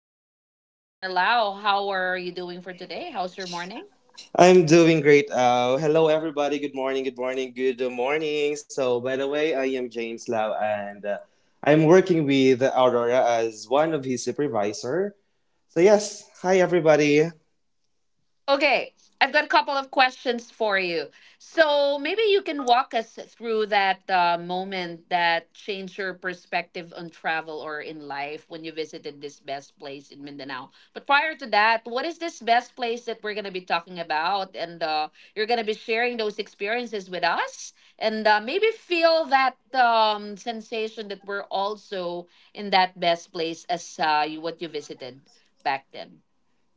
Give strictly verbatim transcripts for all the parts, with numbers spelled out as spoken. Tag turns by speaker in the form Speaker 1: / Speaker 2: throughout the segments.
Speaker 1: James or Lau, how are you doing for today? How's your morning?
Speaker 2: I'm doing great. Uh, hello, everybody. Good morning. Good morning. Good morning. So, by the way, I am James Lau, and uh, I'm working with Aurora as one of his supervisor. So, yes. Hi, everybody.
Speaker 1: Okay, I've got a couple of questions for you. So maybe you can walk us through that uh, moment that changed your perspective on travel or in life when you visited this best place in Mindanao. But prior to that, what is this best place that we're going to be talking about? And uh, you're going to be sharing those experiences with us and uh, maybe feel that um, sensation that we're also in that best place as uh, you, what you visited back then.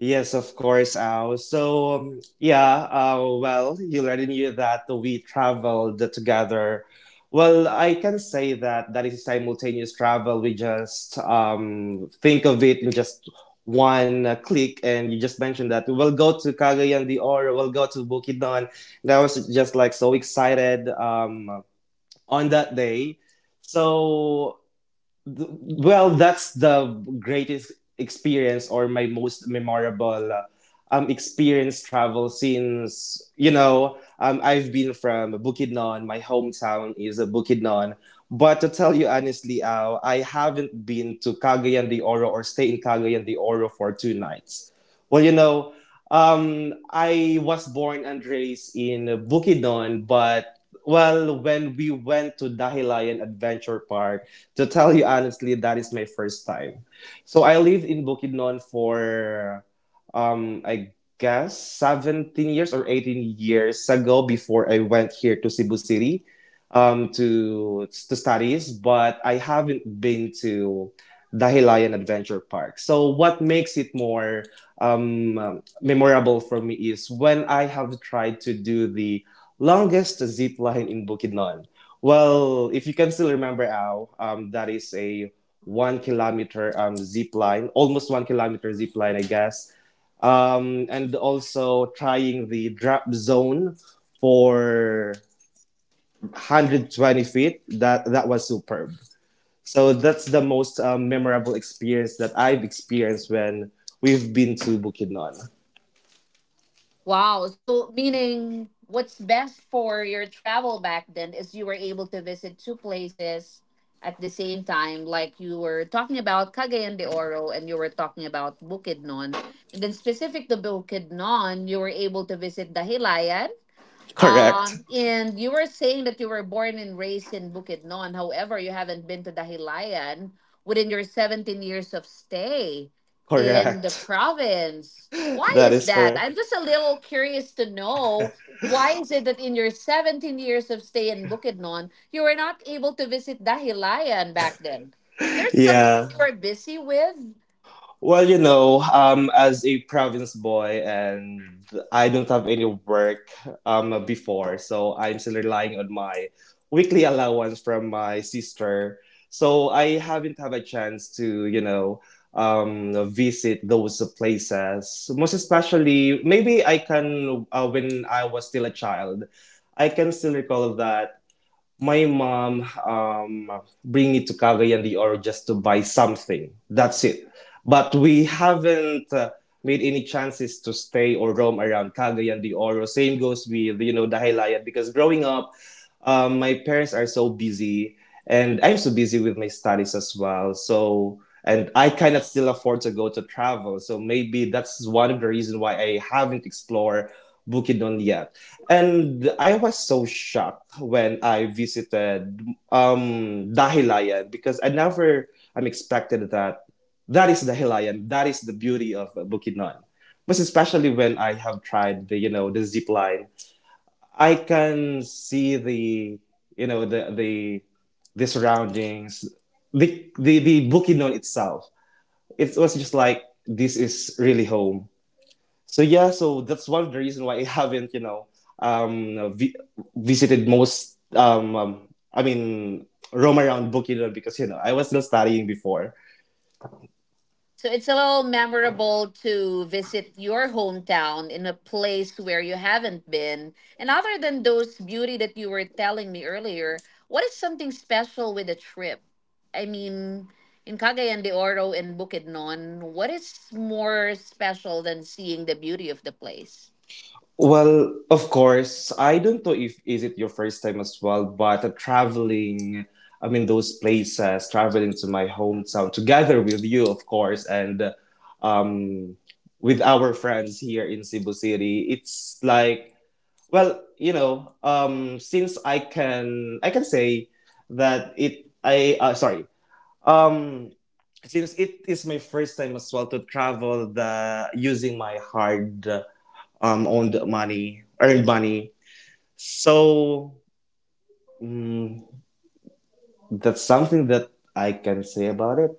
Speaker 2: Yes, of course, Al. So, um, yeah, uh, well, you already knew that we traveled together. Well, I can say that that is simultaneous travel. We just um, think of it in just one uh, click, and you just mentioned that we'll go to Cagayan de Oro, we'll go to Bukidnon. And I was just like so excited um, on that day. So th- well, that's the greatest experience or my most memorable uh, um experience travel since you know um I've been from Bukidnon. My hometown is uh, Bukidnon. But to tell you honestly, Al, I haven't been to Cagayan de Oro or stay in Cagayan de Oro for two nights. Well, you know, um, I was born and raised in Bukidnon, but well, when we went to Dahilayan Adventure Park, to tell you honestly, that is my first time. So I live in Bukidnon for, um, I guess seventeen years or eighteen years ago before I went here to Cebu City, um, to, to studies, but I haven't been to Dahilayan Adventure Park. So what makes it more, um, memorable for me is when I have tried to do the longest zip line in Bukidnon. Well, if you can still remember, Al, um, that is a one kilometer um, zip line, almost one kilometer zip line, I guess. Um, and also trying the drop zone for one hundred twenty feet. That that was superb. So that's the most um, memorable experience that I've experienced when we've been to Bukidnon.
Speaker 1: Wow. So, meaning what's best for your travel back then is you were able to visit two places at the same time, like you were talking about Cagayan de Oro and you were talking about Bukidnon. And then, specific to Bukidnon, you were able to visit the Hilayan
Speaker 2: Correct.
Speaker 1: um, and you were saying that you were born and raised in Bukidnon. However, you haven't been to Dahilayan within your seventeen years of stay in the
Speaker 2: Correct.
Speaker 1: province. Why
Speaker 2: That
Speaker 1: is
Speaker 2: is
Speaker 1: that?
Speaker 2: correct.
Speaker 1: I'm just a little curious to know why is it that in your seventeen years of stay in Bukidnon, you were not able to visit Dahilayan back then? Is there something that
Speaker 2: Yeah.
Speaker 1: you were busy with?
Speaker 2: Well, you know, um, as a province boy, and I don't have any work um, before, so I'm still relying on my weekly allowance from my sister. So I haven't had a chance to, you know, um, visit those places. Most especially, maybe I can, uh, when I was still a child, I can still recall that my mom um, bring me to Cagayan de Oro just to buy something. That's it. But we haven't uh, made any chances to stay or roam around Cagayan de Oro. Same goes with you know Dahilayan because growing up, um, my parents are so busy and I'm so busy with my studies as well. So and I cannot still afford to go to travel. So maybe that's one of the reasons why I haven't explored Bukidnon yet. And I was so shocked when I visited um, Dahilayan because I never I'm expected that that is Dahilayan. That is the beauty of Bukidnon. But especially when I have tried the you know the zip line, I can see the you know the the the surroundings, the the the Bukidnon itself. It was just like this is really home, so yeah, so that's one of the reason why I haven't, you know, um, vi- visited most. Um, um, I mean, roam around Bukidnon because you know I was still studying before.
Speaker 1: So it's a little memorable to visit your hometown in a place where you haven't been. And other than those beauty that you were telling me earlier, what is something special with a trip? I mean, in Cagayan de Oro and Bukidnon, what is more special than seeing the beauty of the place?
Speaker 2: Well, of course, I don't know if is it your first time as well, but uh, traveling. I mean, those places, traveling to my hometown together with you, of course, and uh, um, with our friends here in Cebu City. It's like, Well, you know, um, since I can, I can say that it, I, uh, sorry, um, since it is my first time as well to travel the using my hard um owned money, earned money. So mm, that's something that I can say about it.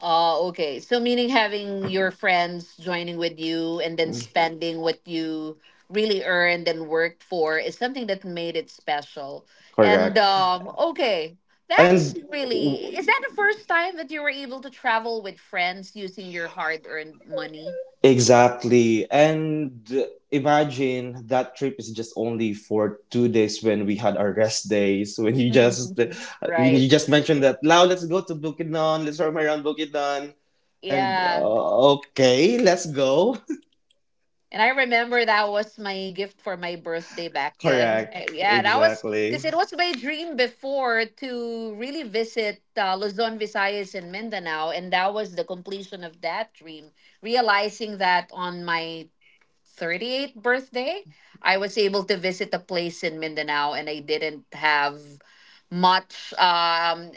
Speaker 1: Oh, okay. So meaning having your friends joining with you and then
Speaker 2: Mm.
Speaker 1: spending what you really earned and worked for is something that made it special. And
Speaker 2: Correct.
Speaker 1: um okay, that's
Speaker 2: And
Speaker 1: really is that the first time that you were able to travel with friends using your hard-earned money?
Speaker 2: Exactly. And imagine that trip is just only for two days when we had our rest days. When you just when
Speaker 1: Right.
Speaker 2: you just mentioned that, now let's go to Bukidnon. Let's roam around Bukidnon. And
Speaker 1: Yeah.
Speaker 2: uh, okay, let's go.
Speaker 1: And I remember that was my gift for my birthday back then.
Speaker 2: Correct.
Speaker 1: Uh, Yeah, that was because
Speaker 2: Exactly.
Speaker 1: it was my dream before to really visit uh, Luzon, Visayas, and Mindanao. And that was the completion of that dream. Realizing that on my thirty-eighth birthday, I was able to visit a place in Mindanao and I didn't have much. Um,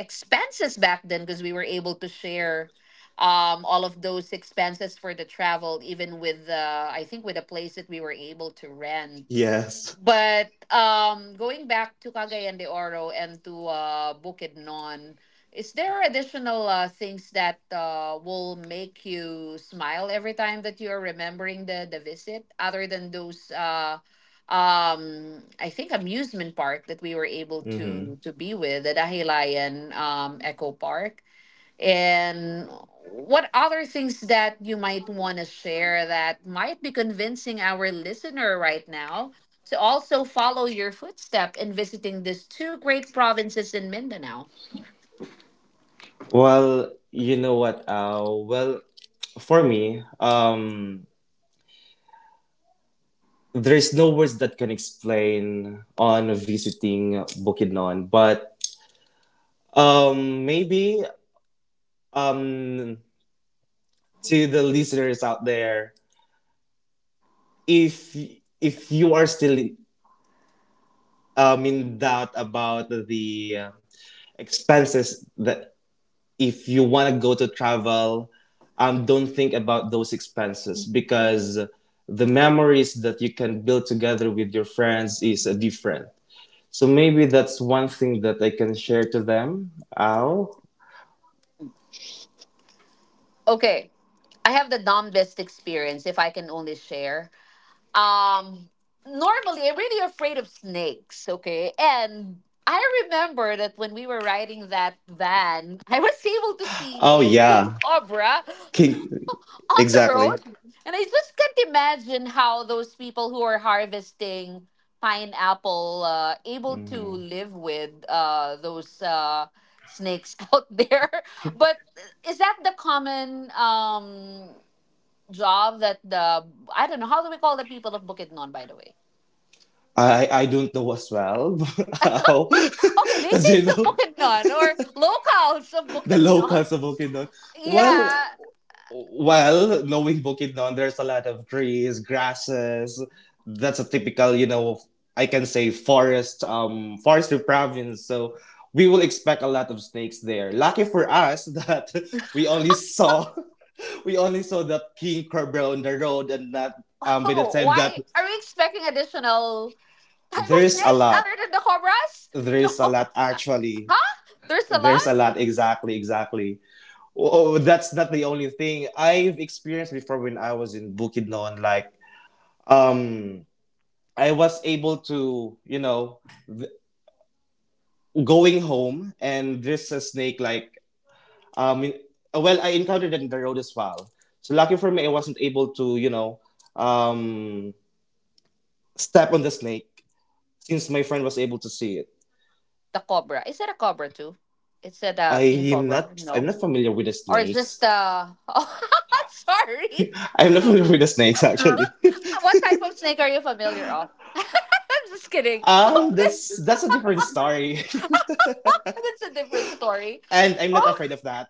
Speaker 1: expenses back then because we were able to share um all of those expenses for the travel even with uh I think with a place that we were able to rent.
Speaker 2: Yes.
Speaker 1: But um going back to Cagayan de Oro and to uh Bukidnon, is there additional uh, things that uh will make you smile every time that you are remembering the the visit other than those uh um I think amusement park that we were able to
Speaker 2: Hmm.
Speaker 1: to be with the Dahilayan um Eco Park and what other things that you might want to share that might be convincing our listener right now to also follow your footstep in visiting these two great provinces in Mindanao.
Speaker 2: Well, you know what? Uh, well, for me, um, there is no words that can explain on visiting Bukidnon, but Um, maybe um to the listeners out there, if if you are still um in doubt about the uh, expenses that if you want to go to travel, um don't think about those expenses because the memories that you can build together with your friends is uh, different. So maybe that's one thing that I can share to them. Ow.
Speaker 1: Okay, I have the Dombest experience if I can only share. Um, normally I'm really afraid of snakes, okay, and I remember that when we were riding that van, I was able to see
Speaker 2: Oh
Speaker 1: a king
Speaker 2: yeah.
Speaker 1: cobra
Speaker 2: Ki-
Speaker 1: on the
Speaker 2: Exactly.
Speaker 1: road, and I just can't imagine how those people who are harvesting pineapple uh able to
Speaker 2: Mhm.
Speaker 1: live with uh those uh snakes out there, but is that the common um job that the I don't know how do we call the people of Bukidnon, by the way?
Speaker 2: I I don't know as well how,
Speaker 1: Okay,
Speaker 2: because you
Speaker 1: natives of
Speaker 2: know
Speaker 1: Bukidnon or locals of
Speaker 2: the
Speaker 1: Bukidnon.
Speaker 2: locals of Bukidnon. Well,
Speaker 1: Yeah.
Speaker 2: well, knowing Bukidnon, there's a lot of trees, grasses. That's a typical, you know, I can say forest, um, forestry province. So we will expect a lot of snakes there. Lucky for us that we only saw we only saw that king cobra on the road, and that um by the
Speaker 1: Oh,
Speaker 2: time that
Speaker 1: why are we expecting additional type of
Speaker 2: there's a
Speaker 1: snakes
Speaker 2: lot,
Speaker 1: other than the cobras?
Speaker 2: there
Speaker 1: No.
Speaker 2: is a lot actually.
Speaker 1: Huh? There's a
Speaker 2: There's
Speaker 1: lot.
Speaker 2: a lot. Exactly, exactly. Oh, oh, that's not the only thing I've experienced before when I was in Bukidnon. Like, um, I was able to, you know, going home and there's a snake like, um, well, I encountered it in the road as well. So lucky for me, I wasn't able to, you know, um, step on the snake since my friend was able to see it.
Speaker 1: The cobra. Is it a cobra too? It's a uh,
Speaker 2: I
Speaker 1: king
Speaker 2: am
Speaker 1: cobra.
Speaker 2: not, I'm
Speaker 1: No.
Speaker 2: not familiar with the
Speaker 1: Or just
Speaker 2: snakes.
Speaker 1: uh oh, sorry.
Speaker 2: I'm not familiar with the snakes actually.
Speaker 1: What type of snake are you familiar of? I'm just kidding.
Speaker 2: Um, that's that's a different story.
Speaker 1: Okay. That's a different story.
Speaker 2: And I'm not
Speaker 1: Oh,
Speaker 2: afraid of that.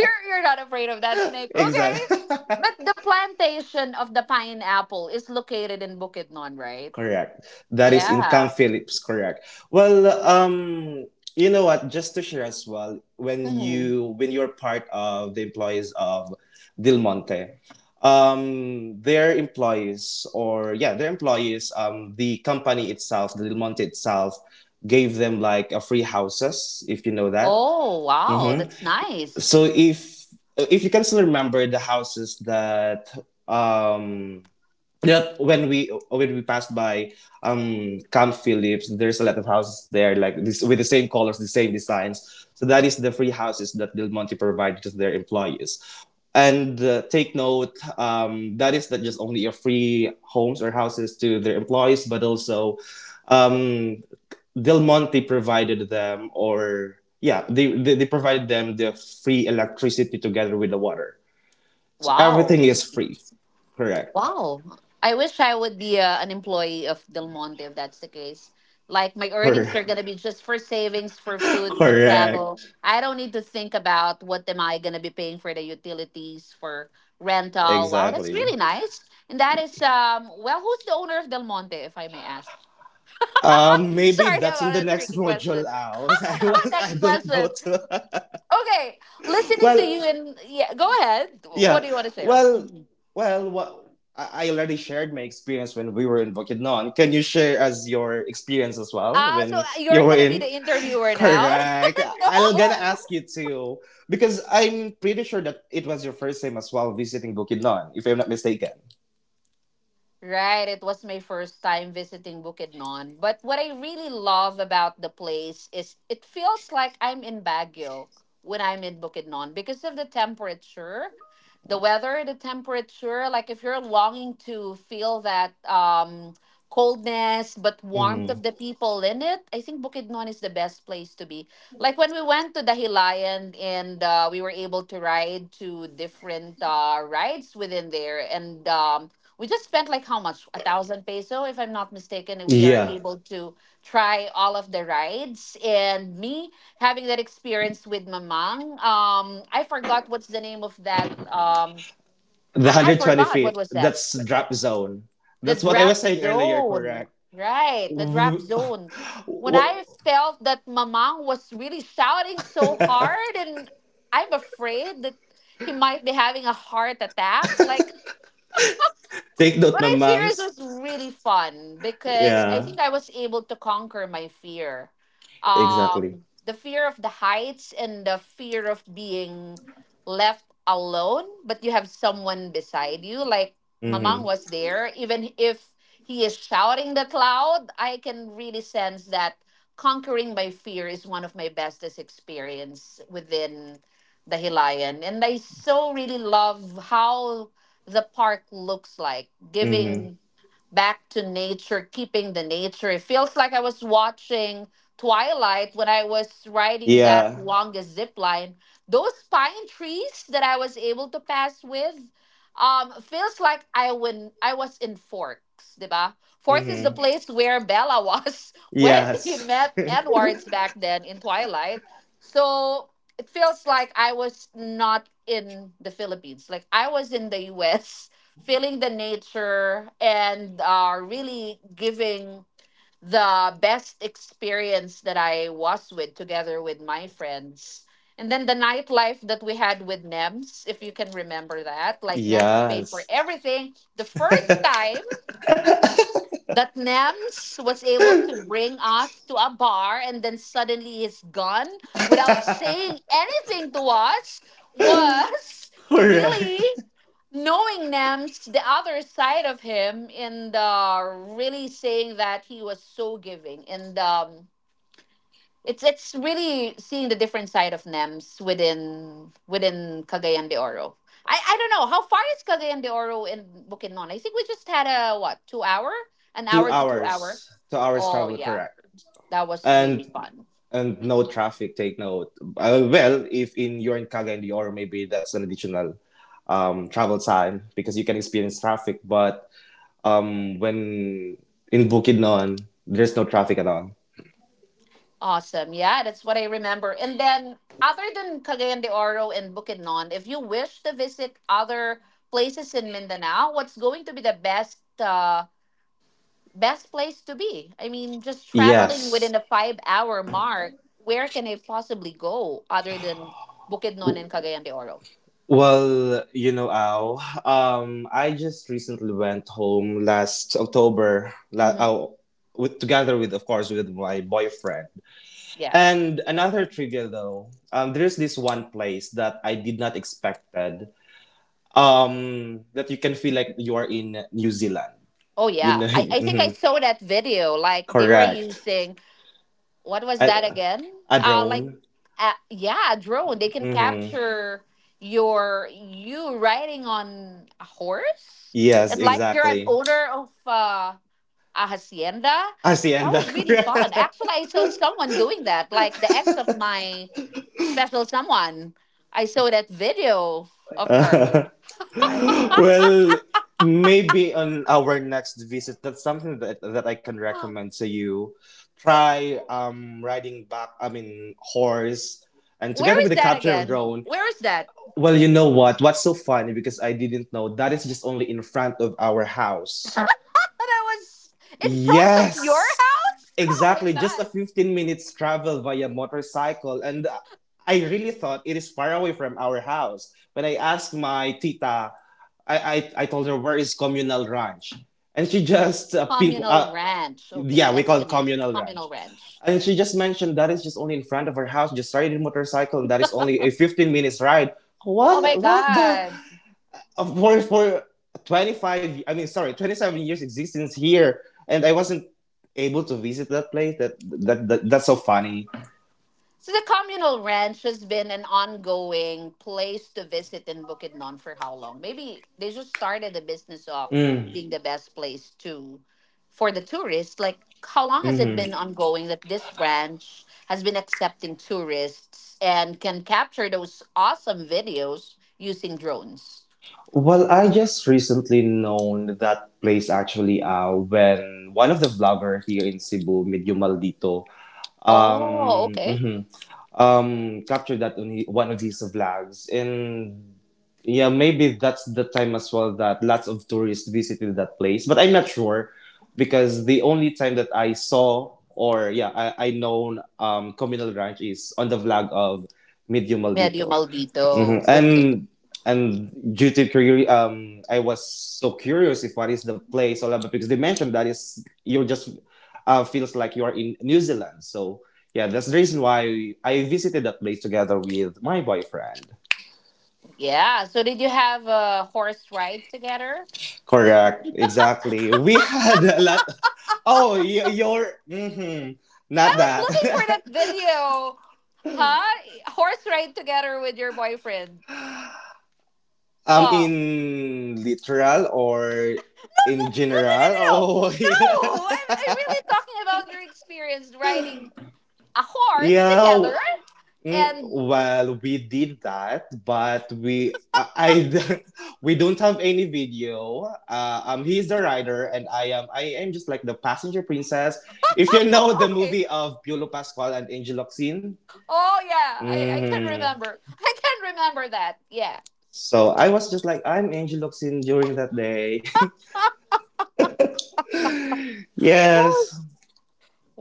Speaker 1: you're not afraid of that snake.
Speaker 2: Exactly.
Speaker 1: Okay. But the plantation of the pineapple is located in Bukidnon, right?
Speaker 2: Correct. That is in
Speaker 1: Yeah.
Speaker 2: Camp Phillips, correct. Well, um, you know what, just to share as well, when
Speaker 1: Mhm.
Speaker 2: you when you're part of the employees of Del Monte, um, their employees or yeah, their employees, um, the company itself, the Del Monte itself, gave them like a free houses, if you know that.
Speaker 1: Oh, wow.
Speaker 2: Mm-hmm.
Speaker 1: That's nice.
Speaker 2: So if if you can still remember the houses that um yeah, when we when we passed by um Camp Phillips, there's a lot of houses there like this with the same colors, the same designs. So that is the free houses that Del Monte provided to their employees. And uh, take note, um, that is not just only a free homes or houses to their employees, but also um, Del Monte provided them, or yeah, they, they they provided them the free electricity together with the water. So
Speaker 1: Wow.
Speaker 2: everything is free. Correct.
Speaker 1: Wow. I wish I would be uh, an employee of Del Monte if that's the case. Like my earnings are
Speaker 2: Correct.
Speaker 1: gonna be just for savings, for food, for travel.
Speaker 2: Correct.
Speaker 1: I don't need to think about what am I gonna be paying for the utilities, for rental. Wow, that's
Speaker 2: Exactly.
Speaker 1: really nice. And that is um well, who's the owner of Del Monte, if I may ask?
Speaker 2: Um, maybe
Speaker 1: Sorry
Speaker 2: that's
Speaker 1: about
Speaker 2: in the
Speaker 1: that
Speaker 2: next
Speaker 1: tricky question.
Speaker 2: module out. I was, I
Speaker 1: Next
Speaker 2: don't know.
Speaker 1: question.
Speaker 2: Too.
Speaker 1: Okay, listening to
Speaker 2: well,
Speaker 1: you and yeah, go ahead. What
Speaker 2: yeah.
Speaker 1: do you want to share?
Speaker 2: Well,
Speaker 1: Mm-hmm.
Speaker 2: well, wha- I I already shared my experience when we were in Bukidnon. Can you share as your experience as well
Speaker 1: Ah, so uh,
Speaker 2: when you
Speaker 1: you're
Speaker 2: were
Speaker 1: gonna be
Speaker 2: in?
Speaker 1: the interviewer now?
Speaker 2: Correct. I'm gonna
Speaker 1: No.
Speaker 2: ask you too because I'm pretty sure that it was your first time as well visiting Bukidnon, if I'm not mistaken.
Speaker 1: Right, it was my first time visiting Bukidnon. But what I really love about the place is it feels like I'm in Baguio when I'm in Bukidnon because of the temperature, the weather, the temperature. Like if you're longing to feel that um, coldness but warmth
Speaker 2: Hmm.
Speaker 1: of the people in it, I think Bukidnon is the best place to be. Like when we went to Dahilayan and uh, we were able to ride to different uh, rides within there and um, we just spent like how much? A thousand peso, if I'm not mistaken. And we are
Speaker 2: Yeah.
Speaker 1: able to try all of the rides. And me having that experience with Mamang, um, I forgot what's the name of that. Um,
Speaker 2: The
Speaker 1: I, I
Speaker 2: one hundred twenty
Speaker 1: forgot what
Speaker 2: feet,
Speaker 1: was that.
Speaker 2: that's drop zone.
Speaker 1: The
Speaker 2: That's what I was
Speaker 1: drop
Speaker 2: saying earlier,
Speaker 1: zone,
Speaker 2: correct?
Speaker 1: right? The drop zone. When I felt that Mamang was really shouting so hard, and I'm afraid that he might be having a heart attack. Like
Speaker 2: Take note,
Speaker 1: but I series
Speaker 2: mamangs.
Speaker 1: was really fun because I
Speaker 2: Yeah,
Speaker 1: think I was able to conquer my fear.
Speaker 2: exactly.
Speaker 1: Um, the fear of the heights and the fear of being left alone, but you have someone beside you. Like Mamang
Speaker 2: Mm-hmm.
Speaker 1: was there. Even if he is shouting that loud, I can really sense that conquering my fear is one of my bestest experience within the Hilayan. And I so really love how the park looks like,
Speaker 2: Mm-hmm.
Speaker 1: giving back to nature, keeping the nature. It feels like I was watching Twilight when I was riding that
Speaker 2: Yeah.
Speaker 1: longest zip line. Those pine trees that I was able to pass with, um, feels like I when I was in Forks, diba? Forks is the
Speaker 2: Mm-hmm.
Speaker 1: place where Bella was when he
Speaker 2: Yes.
Speaker 1: met Edwards back then in Twilight. So it feels like I was not in the Philippines. Like I was in the U S, feeling the nature and uh, really giving the best experience that I was with together with my friends. And then the nightlife that we had with NEMS, if you can remember that, like NEMS paid for
Speaker 2: Yes.
Speaker 1: everything. The first time that Nems was able to bring us to a bar and then suddenly he's gone without saying anything to us was really
Speaker 2: Correct.
Speaker 1: knowing Nems, the other side of him, and uh, really saying that he was so giving. And um, it's it's really seeing the different side of NEMS within within Cagayan de Oro. I, I don't know how far is Cagayan de Oro in Bukidnon. I think we just had a what two hour, an
Speaker 2: Two
Speaker 1: hour to two
Speaker 2: hours.
Speaker 1: hours.
Speaker 2: Two hours
Speaker 1: Oh
Speaker 2: travel,
Speaker 1: yeah,
Speaker 2: correct.
Speaker 1: that was really
Speaker 2: And
Speaker 1: fun.
Speaker 2: and no traffic take note. Uh, well if in you're in kaga and Dior, maybe that's an additional um, travel time because you can experience traffic but um, when in bukidnon there's no traffic at all.
Speaker 1: Awesome. Yeah, that's what I remember. And then other than Cagayan de Oro and Bukidnon, if you wish to visit other places in Mindanao, what's going to be the best? Uh, best place to be. I mean, just traveling within
Speaker 2: Yes.
Speaker 1: the five hour mark, where can I possibly go other than Bukidnon
Speaker 2: W-
Speaker 1: and Cagayan de Oro?
Speaker 2: well you know Al, um, I just recently went home last october la-
Speaker 1: Hmm.
Speaker 2: oh, with, together with of course with my boyfriend,
Speaker 1: Yeah.
Speaker 2: and another trivia though, um, there's this one place that I did not expect um that you can feel like you are in New Zealand.
Speaker 1: Oh,
Speaker 2: You
Speaker 1: yeah.
Speaker 2: know,
Speaker 1: I, I think I
Speaker 2: mhm,
Speaker 1: saw that video. Like, they were
Speaker 2: correct.
Speaker 1: using, what was that
Speaker 2: A,
Speaker 1: again?
Speaker 2: a
Speaker 1: Uh, like,
Speaker 2: drone.
Speaker 1: uh, yeah, a drone. They can
Speaker 2: Hmm.
Speaker 1: capture your, you riding on a horse.
Speaker 2: Yes,
Speaker 1: And like you're an
Speaker 2: exactly.
Speaker 1: owner of uh a hacienda. That
Speaker 2: Hacienda,
Speaker 1: was really
Speaker 2: correct.
Speaker 1: fun. Actually, I saw someone doing that, like the ex of my special someone. I saw that video of her.
Speaker 2: Well, maybe on our next visit, that's something that, that I can recommend to you. Try um riding back, I mean horse, and
Speaker 1: Where
Speaker 2: together
Speaker 1: is
Speaker 2: with the
Speaker 1: that
Speaker 2: capture of
Speaker 1: again?
Speaker 2: drone.
Speaker 1: Where is that?
Speaker 2: Well, you know what? What's so funny because I didn't know that is just only in front of our house.
Speaker 1: And I was in front of your
Speaker 2: Yes,
Speaker 1: house? Oh my
Speaker 2: exactly. Just a
Speaker 1: God.
Speaker 2: fifteen minutes travel via motorcycle. And uh, I really thought it is far away from our house. When I asked my tita, I, I, I told her, where is Communal Ranch? And she just uh, pinpo-
Speaker 1: Communal
Speaker 2: uh,
Speaker 1: Ranch. Okay,
Speaker 2: yeah, we
Speaker 1: that's
Speaker 2: call
Speaker 1: the
Speaker 2: it
Speaker 1: name.
Speaker 2: Communal
Speaker 1: Communal
Speaker 2: Ranch.
Speaker 1: Ranch.
Speaker 2: And she just mentioned that is just only in front of her house, just riding motorcycle, and that is only a fifteen minutes ride.
Speaker 1: Oh my
Speaker 2: What, what the?
Speaker 1: God.
Speaker 2: Of for for twenty-five, I mean sorry, twenty-seven years existence here, and I wasn't able to visit that place. That that, that that's so funny.
Speaker 1: So the communal ranch has been an ongoing place to visit in Bukidnon for how long? Maybe they just started the business of
Speaker 2: Mm.
Speaker 1: being the best place to for the tourists. Like how long has it been
Speaker 2: Hmm.
Speaker 1: ongoing that this ranch has been accepting tourists and can capture those awesome videos using drones?
Speaker 2: Well, I just recently known that place actually, uh when one of the vlogger here in cebu medyo maldito,
Speaker 1: Oh,
Speaker 2: um,
Speaker 1: okay.
Speaker 2: mhm. um, captured that on he- one of his vlogs. And yeah, maybe that's the time as well that lots of tourists visited that place. But I'm not sure because the only time that I saw, or yeah, I, I known um, communal ranch is on the vlog of Medio
Speaker 1: Medio
Speaker 2: Maldito. Mhm.
Speaker 1: maldito. Okay.
Speaker 2: And and due to curiosity, um, I was so curious if what is the place all about, because they mentioned that is you're just uh, feels like you are in New Zealand. So yeah, that's the reason why I visited that place together with my boyfriend.
Speaker 1: Yeah. So did you have a horse ride together?
Speaker 2: Correct, exactly. We had a lot. Oh, y- you're mhm,
Speaker 1: I
Speaker 2: not
Speaker 1: was
Speaker 2: that.
Speaker 1: looking for that video. Huh? Horse ride together with your boyfriend.
Speaker 2: Um,
Speaker 1: Oh.
Speaker 2: in literal or in
Speaker 1: No, no, no,
Speaker 2: general.
Speaker 1: no, no.
Speaker 2: Oh, yeah.
Speaker 1: No! I'm, I'm really talking about your experience riding a horse
Speaker 2: Yeah.
Speaker 1: together.
Speaker 2: Mm,
Speaker 1: And
Speaker 2: well, we did that, but we I, I we don't have any video. Uh, um, he's the rider, and I am I am just like the passenger princess. If you know the
Speaker 1: okay.
Speaker 2: movie of Piolo Pascual and Angel Locsin,
Speaker 1: Oh, yeah. I, I can
Speaker 2: hmm,
Speaker 1: remember. I can remember that. Yeah.
Speaker 2: so I was just like I'm Angel Locsin during that day.
Speaker 1: That
Speaker 2: Yes,
Speaker 1: was.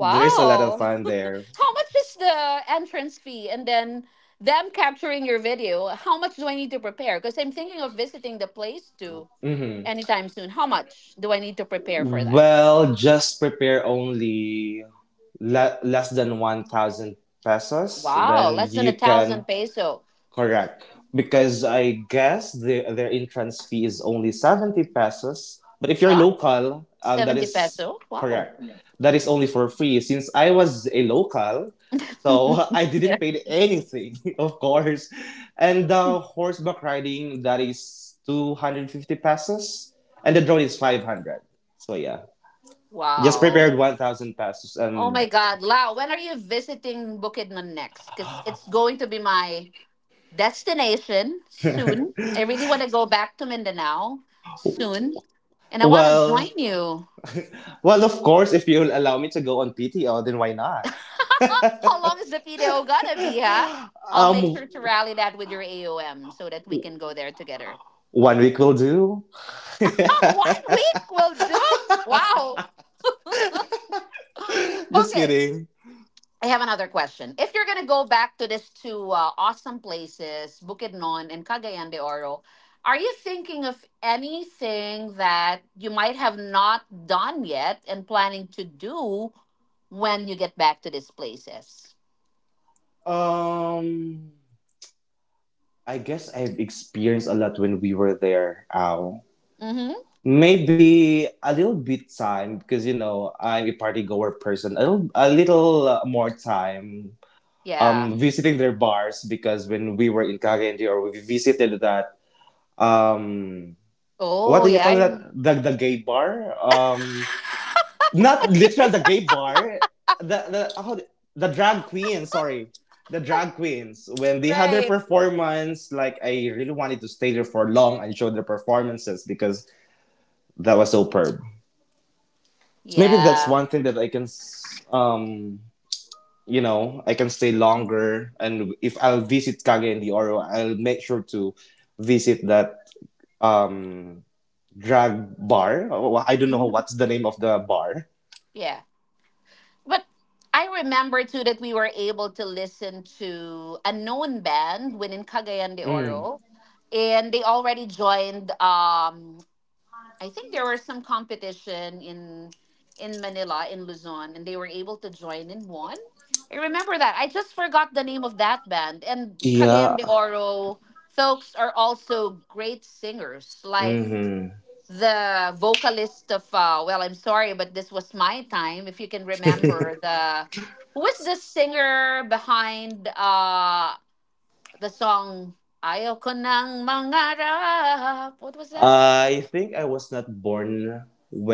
Speaker 2: there's a lot of fun there.
Speaker 1: How much is the entrance fee? And then them capturing your video, how much do I need to prepare? Because I'm thinking of visiting the place too,
Speaker 2: Hmm.
Speaker 1: anytime soon. How much do I need to prepare for that?
Speaker 2: Well, just prepare only la- less than one thousand pesos,
Speaker 1: Wow,
Speaker 2: then
Speaker 1: less than a
Speaker 2: you can
Speaker 1: thousand peso.
Speaker 2: correct. Because I guess the, their entrance fee is only seventy pesos. But if you're
Speaker 1: What?
Speaker 2: local, um, that
Speaker 1: seventy
Speaker 2: is
Speaker 1: peso? Wow.
Speaker 2: correct. That is only for free. Since I was a local, so I
Speaker 1: Yeah.
Speaker 2: didn't pay anything, of course. And the horseback riding, that is two hundred fifty pesos. And the drone is five hundred. So yeah. Just
Speaker 1: Wow.
Speaker 2: prepared one thousand pesos
Speaker 1: Oh
Speaker 2: and
Speaker 1: my God. Lau, when are you visiting Bukidnon next? Because it's going to be my destination soon. I really want to go back to Mindanao soon. And I want to join
Speaker 2: well,
Speaker 1: you.
Speaker 2: well, of course, if you'll allow me to go on P T O, then why not?
Speaker 1: How long is the P D O gonna be, huh? I'll make
Speaker 2: Um,
Speaker 1: sure to rally that with your A O M so that we can go there together.
Speaker 2: One week will do.
Speaker 1: One week will do. Wow.
Speaker 2: Just
Speaker 1: Okay.
Speaker 2: kidding.
Speaker 1: I have another question. If you're going to go back to these two uh, awesome places, Bukidnon and Cagayan de Oro, are you thinking of anything that you might have not done yet and planning to do when you get back to these places?
Speaker 2: Um, I guess I've experienced a lot when we were there. Ow.
Speaker 1: Mm-hmm.
Speaker 2: Maybe a little bit time, because you know I'm a party goer person. A little, a little uh, more time
Speaker 1: Yeah.
Speaker 2: um, visiting their bars, because when we were in Kagendi, or we visited that um, what do
Speaker 1: Oh,
Speaker 2: you
Speaker 1: yeah.
Speaker 2: call that,
Speaker 1: I-
Speaker 2: the the gay bar, um, not literal the gay bar, the the how, do- the drag queen, sorry, the drag queens, when they had their
Speaker 1: Right.
Speaker 2: performance, like I really wanted to stay there for long and show their performances, because that was superb. So maybe that's
Speaker 1: Yeah.
Speaker 2: one thing that I can s- um you know, I can stay longer. And if I'll visit Kage in the Oro, I'll make sure to visit that um drag bar. Oh, I don't know
Speaker 1: Mhm.
Speaker 2: what's the name of the bar.
Speaker 1: Yeah. But I remember too that we were able to listen to a known band within Cagayan de
Speaker 2: Mm.
Speaker 1: Oro, and they already joined. Um, I think there was some competition in in Manila in Luzon, and they were able to join in one. I remember that. I just forgot the name of that band. And Cagayan
Speaker 2: Yeah.
Speaker 1: de Oro folks are also great singers. Like
Speaker 2: Hmm.
Speaker 1: the vocalist of uh, well, I'm sorry, but this was my time. If you can remember, the who is the singer behind uh the song ayoko nang mangarap, what was that?
Speaker 2: I think I was not born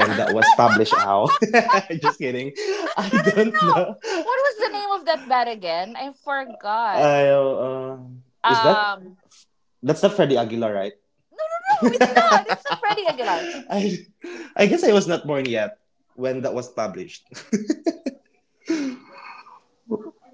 Speaker 1: No,
Speaker 2: that was published out. Just kidding.
Speaker 1: no,
Speaker 2: I
Speaker 1: no,
Speaker 2: don't
Speaker 1: no.
Speaker 2: know.
Speaker 1: What was the name of that band again? I forgot.
Speaker 2: I, uh, is that,
Speaker 1: um
Speaker 2: that's not Freddie Aguilar, right?
Speaker 1: no, no, no, it's not, it's not Freddie Aguilar.
Speaker 2: I, I guess I was not born yet when that was published.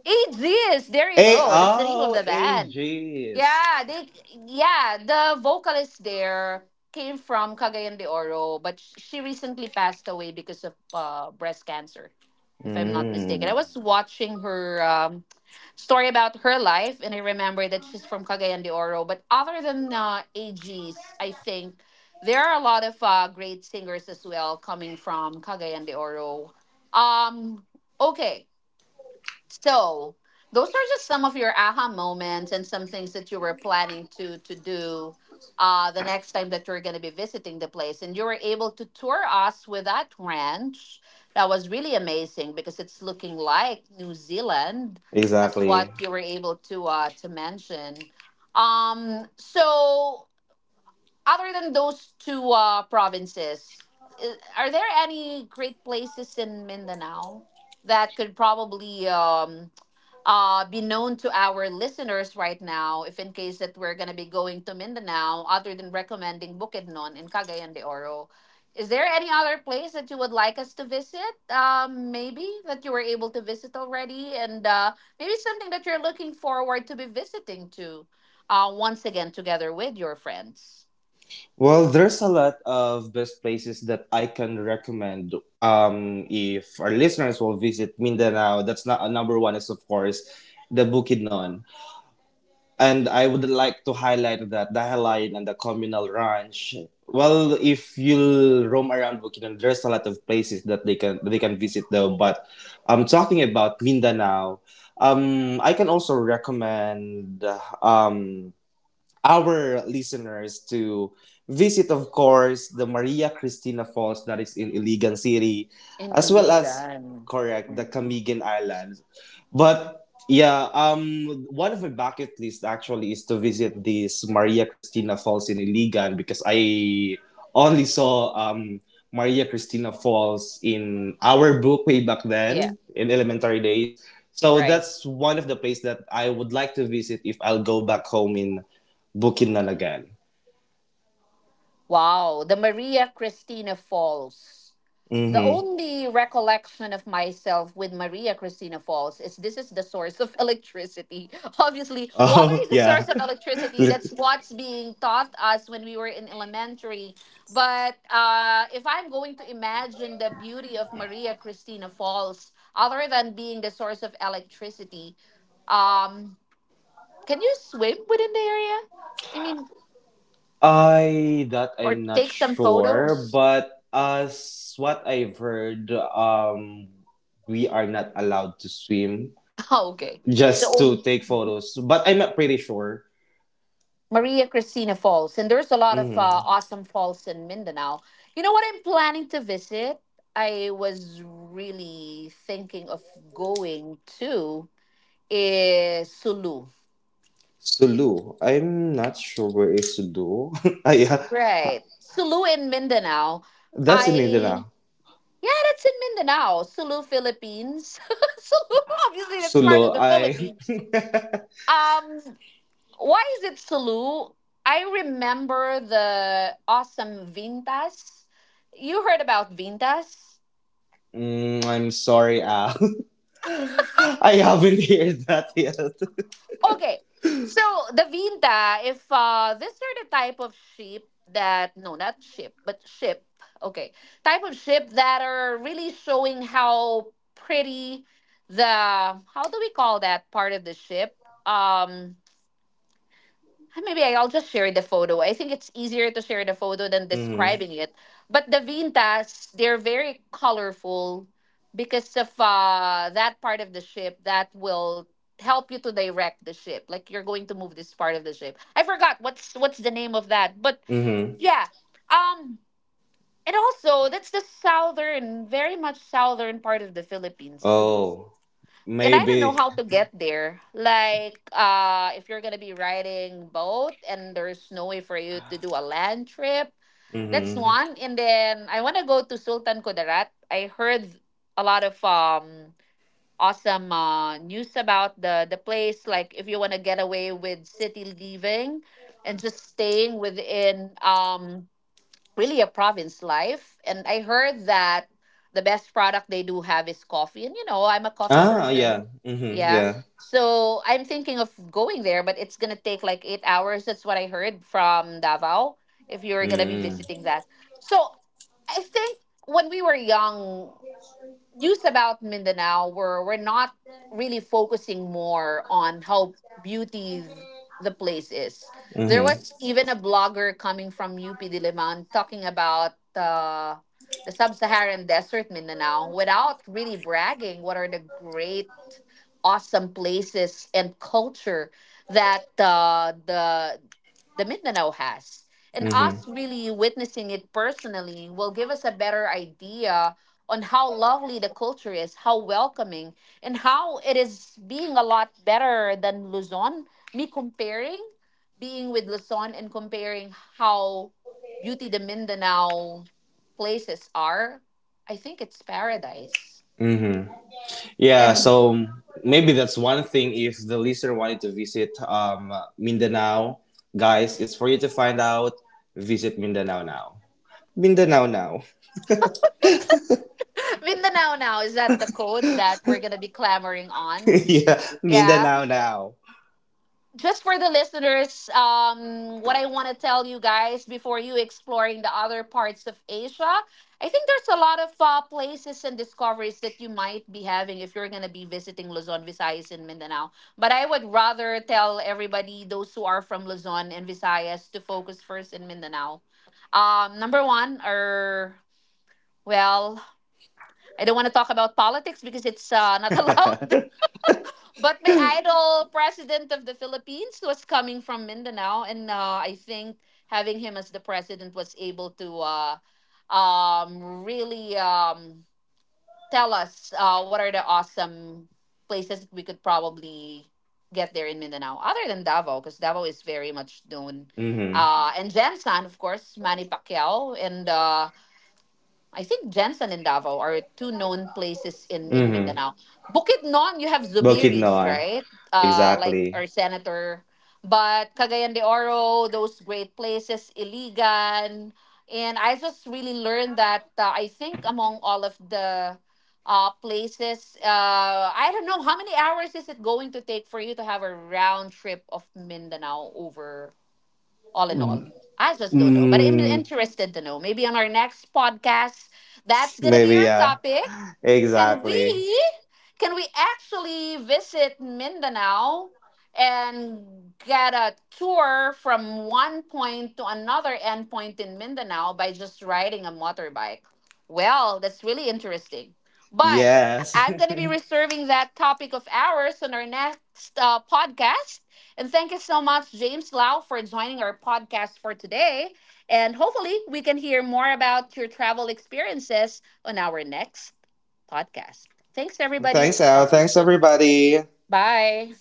Speaker 1: Eight Z's. There you
Speaker 2: A
Speaker 1: go. That's the name of
Speaker 2: oh
Speaker 1: the band.
Speaker 2: ages.
Speaker 1: Yeah, they, yeah, the vocalist there came from Cagayan de Oro, but sh- she recently passed away because of uh, breast cancer, if I'm not
Speaker 2: Mm,
Speaker 1: mistaken. I was watching her um, story about her life, and I remember that she's from Cagayan de Oro. But other than uh, A Gs, I think there are a lot of uh, great singers as well coming from Cagayan de Oro. Um, okay. So those are just some of your aha moments and some things that you were planning to to do uh, the next time that you're going to be visiting the place. And you were able to tour us with that ranch. That was really amazing because it's looking like New Zealand. That's
Speaker 2: exactly.
Speaker 1: what you were able to uh, to mention. Um, so other than those two uh, provinces, I- are there any great places in Mindanao that could probably? um? Uh, be known to our listeners right now, if in case that we're going to be going to Mindanao, other than recommending Bukidnon and Cagayan de Oro, is there any other place that you would like us to visit? Um maybe that you were able to visit already, and uh maybe something that you're looking forward to be visiting to uh once again together with your friends
Speaker 2: Well, there's a lot of best places that I can recommend. Um, if our listeners will visit Mindanao, that's not, a number one is of course the Bukidnon. And I would like to highlight that Dahaline and the communal ranch. Well, if you'll roam around Bukidnon, there's a lot of places that they can they can visit though. But I'm talking about Mindanao. Um, I can also recommend um our listeners to visit, of course, the Maria Cristina Falls that is in Iligan City,
Speaker 1: in
Speaker 2: as well as,
Speaker 1: Iligan.
Speaker 2: correct, the
Speaker 1: Mhm.
Speaker 2: Camigan Islands. But yeah, um, one of my bucket list actually is to visit this Maria Cristina Falls in Iligan, because I only saw um Maria Cristina Falls in our book way back
Speaker 1: Yeah,
Speaker 2: then in elementary days. So
Speaker 1: right.
Speaker 2: that's one of the place that I would like to visit if I'll go back home in Booking na Bukidnalagan.
Speaker 1: Wow, the Maria Cristina Falls. The
Speaker 2: Mm-hmm.
Speaker 1: only recollection of myself with Maria Cristina Falls is this is the source of electricity. Obviously, water
Speaker 2: Oh,
Speaker 1: is the
Speaker 2: yeah.
Speaker 1: source of electricity. That's what's being taught us when we were in elementary. But uh, if I'm going to imagine the beauty of Maria Cristina Falls, other than being the source of electricity, um, can you swim within the area? I mean,
Speaker 2: I that
Speaker 1: or
Speaker 2: I'm not
Speaker 1: take some
Speaker 2: sure,
Speaker 1: photos?
Speaker 2: but as what I've heard, um, we are not allowed to swim,
Speaker 1: Okay.
Speaker 2: just to
Speaker 1: So
Speaker 2: take photos. But I'm not pretty sure.
Speaker 1: Maria Cristina Falls, and there's a lot of uh,
Speaker 2: Mm-hmm.
Speaker 1: awesome falls in Mindanao. You know what I'm planning to visit? I was really thinking of going to is Sulu.
Speaker 2: Sulu. I'm not sure where is Sulu. Ah, yeah.
Speaker 1: Right. Sulu in Mindanao.
Speaker 2: That's in
Speaker 1: I,
Speaker 2: Mindanao.
Speaker 1: yeah, that's in Mindanao. Sulu, Philippines. Sulu, obviously that's part of
Speaker 2: Sulu.
Speaker 1: the
Speaker 2: I.
Speaker 1: Philippines. Um Why is it Salou? I remember the awesome Vintas. You heard about Vintas?
Speaker 2: Mm, I'm sorry, Al. I haven't heard that yet.
Speaker 1: Okay. So the Vinta, if uh, these are the type of sheep that, no, not sheep, but ship. Okay, type of ship that are really showing how pretty the, how do we call that part of the ship? Um, Ah, maybe I'll just share the photo. I think it's easier to share the photo than
Speaker 2: Mm-hmm.
Speaker 1: describing it. But the vintas, they're very colorful because of uh, that part of the ship that will help you to direct the ship. Like, you're going to move this part of the ship. I forgot what's what's the name of that. But
Speaker 2: Mm-hmm.
Speaker 1: yeah. Um and also that's the southern, very much southern part of the Philippines, Sulu,
Speaker 2: Oh,
Speaker 1: and I don't know
Speaker 2: maybe.
Speaker 1: how to get there. Like, uh, if you're gonna be riding boat and there's no way for you to do a land trip, that's
Speaker 2: Mm-hmm.
Speaker 1: one. And then I wanna go to Sultan Kudarat. I heard a lot of um awesome uh, news about the the place. Like, if you wanna get away with city living and just staying within um really a province life. And I heard that the best product they do have is coffee. And you know, I'm a coffee
Speaker 2: Ah,
Speaker 1: person.
Speaker 2: yeah. Mm-hmm.
Speaker 1: Yeah.
Speaker 2: Yeah.
Speaker 1: So I'm thinking of going there, but it's gonna take like eight hours. That's what I heard from Davao, if you're gonna be
Speaker 2: Mm.
Speaker 1: visiting that. So I think when we were young, news about Mindanao where we're not really focusing more on how beauty the place is. There
Speaker 2: Mm-hmm.
Speaker 1: was even a blogger coming from U P Diliman talking about uh, the sub-Saharan desert Mindanao without really bragging what are the great awesome places and culture that uh, the the Mindanao has. And
Speaker 2: Mm-hmm.
Speaker 1: us really witnessing it personally will give us a better idea on how lovely the culture is, how welcoming, and how it is being a lot better than Luzon. Me comparing being with Luzon and comparing how beauty the Mindanao places are, I think it's paradise.
Speaker 2: Mm-hmm. Yeah.
Speaker 1: And
Speaker 2: So maybe that's one thing. If the listener wanted to visit um Mindanao, guys, it's for you to find out. Visit Mindanao now. Mindanao now.
Speaker 1: Mindanao now, is that the code that we're gonna be clamoring on?
Speaker 2: Yeah.
Speaker 1: Yeah.
Speaker 2: Mindanao now.
Speaker 1: Just for the listeners, um, what I want to tell you guys before you exploring the other parts of Asia, I think there's a lot of uh, places and discoveries that you might be having if you're going to be visiting Luzon, Visayas, and Mindanao. But I would rather tell everybody, those who are from Luzon and Visayas, to focus first in Mindanao. Um, number one, or well, I don't want to talk about politics because it's uh, not allowed.
Speaker 2: Mm-hmm.
Speaker 1: But my idol, president of the Philippines, was coming from Mindanao, and uh, I think having him as the president was able to uh, um, really um, tell us uh, what are the awesome places that we could probably get there in Mindanao, other than Davao, because Davao is very much known. Uh, and Jensen, of course, Manny Pacquiao, and uh, I think Jensen and Davao are two known places in, in
Speaker 2: Mm-hmm.
Speaker 1: Mindanao. Bukidnon, you have Zubiris,
Speaker 2: Bukidnon.
Speaker 1: right? Uh, like
Speaker 2: Exactly.
Speaker 1: our senator. But Cagayan de Oro, those great places, Iligan. And I just really learned that uh, I think among all of the uh, places, uh, I don't know, how many hours is it going to take for you to have a round trip of Mindanao over, all in all. I just don't know, but I'm
Speaker 2: Mm.
Speaker 1: interested to know. Maybe on our next podcast, that's gonna be
Speaker 2: Maybe,
Speaker 1: your
Speaker 2: yeah.
Speaker 1: topic. can
Speaker 2: Exactly.
Speaker 1: we can we actually visit Mindanao and get a tour from one point to another endpoint in Mindanao by just riding a motorbike? Well, that's really interesting. But
Speaker 2: Yes.
Speaker 1: I'm going to be reserving that topic of ours on our next uh, podcast. And thank you so much, James Lau, for joining our podcast for today. And hopefully, we can hear more about your travel experiences on our next podcast. Thanks, everybody.
Speaker 2: Thanks, Al. Thanks, everybody.
Speaker 1: Bye.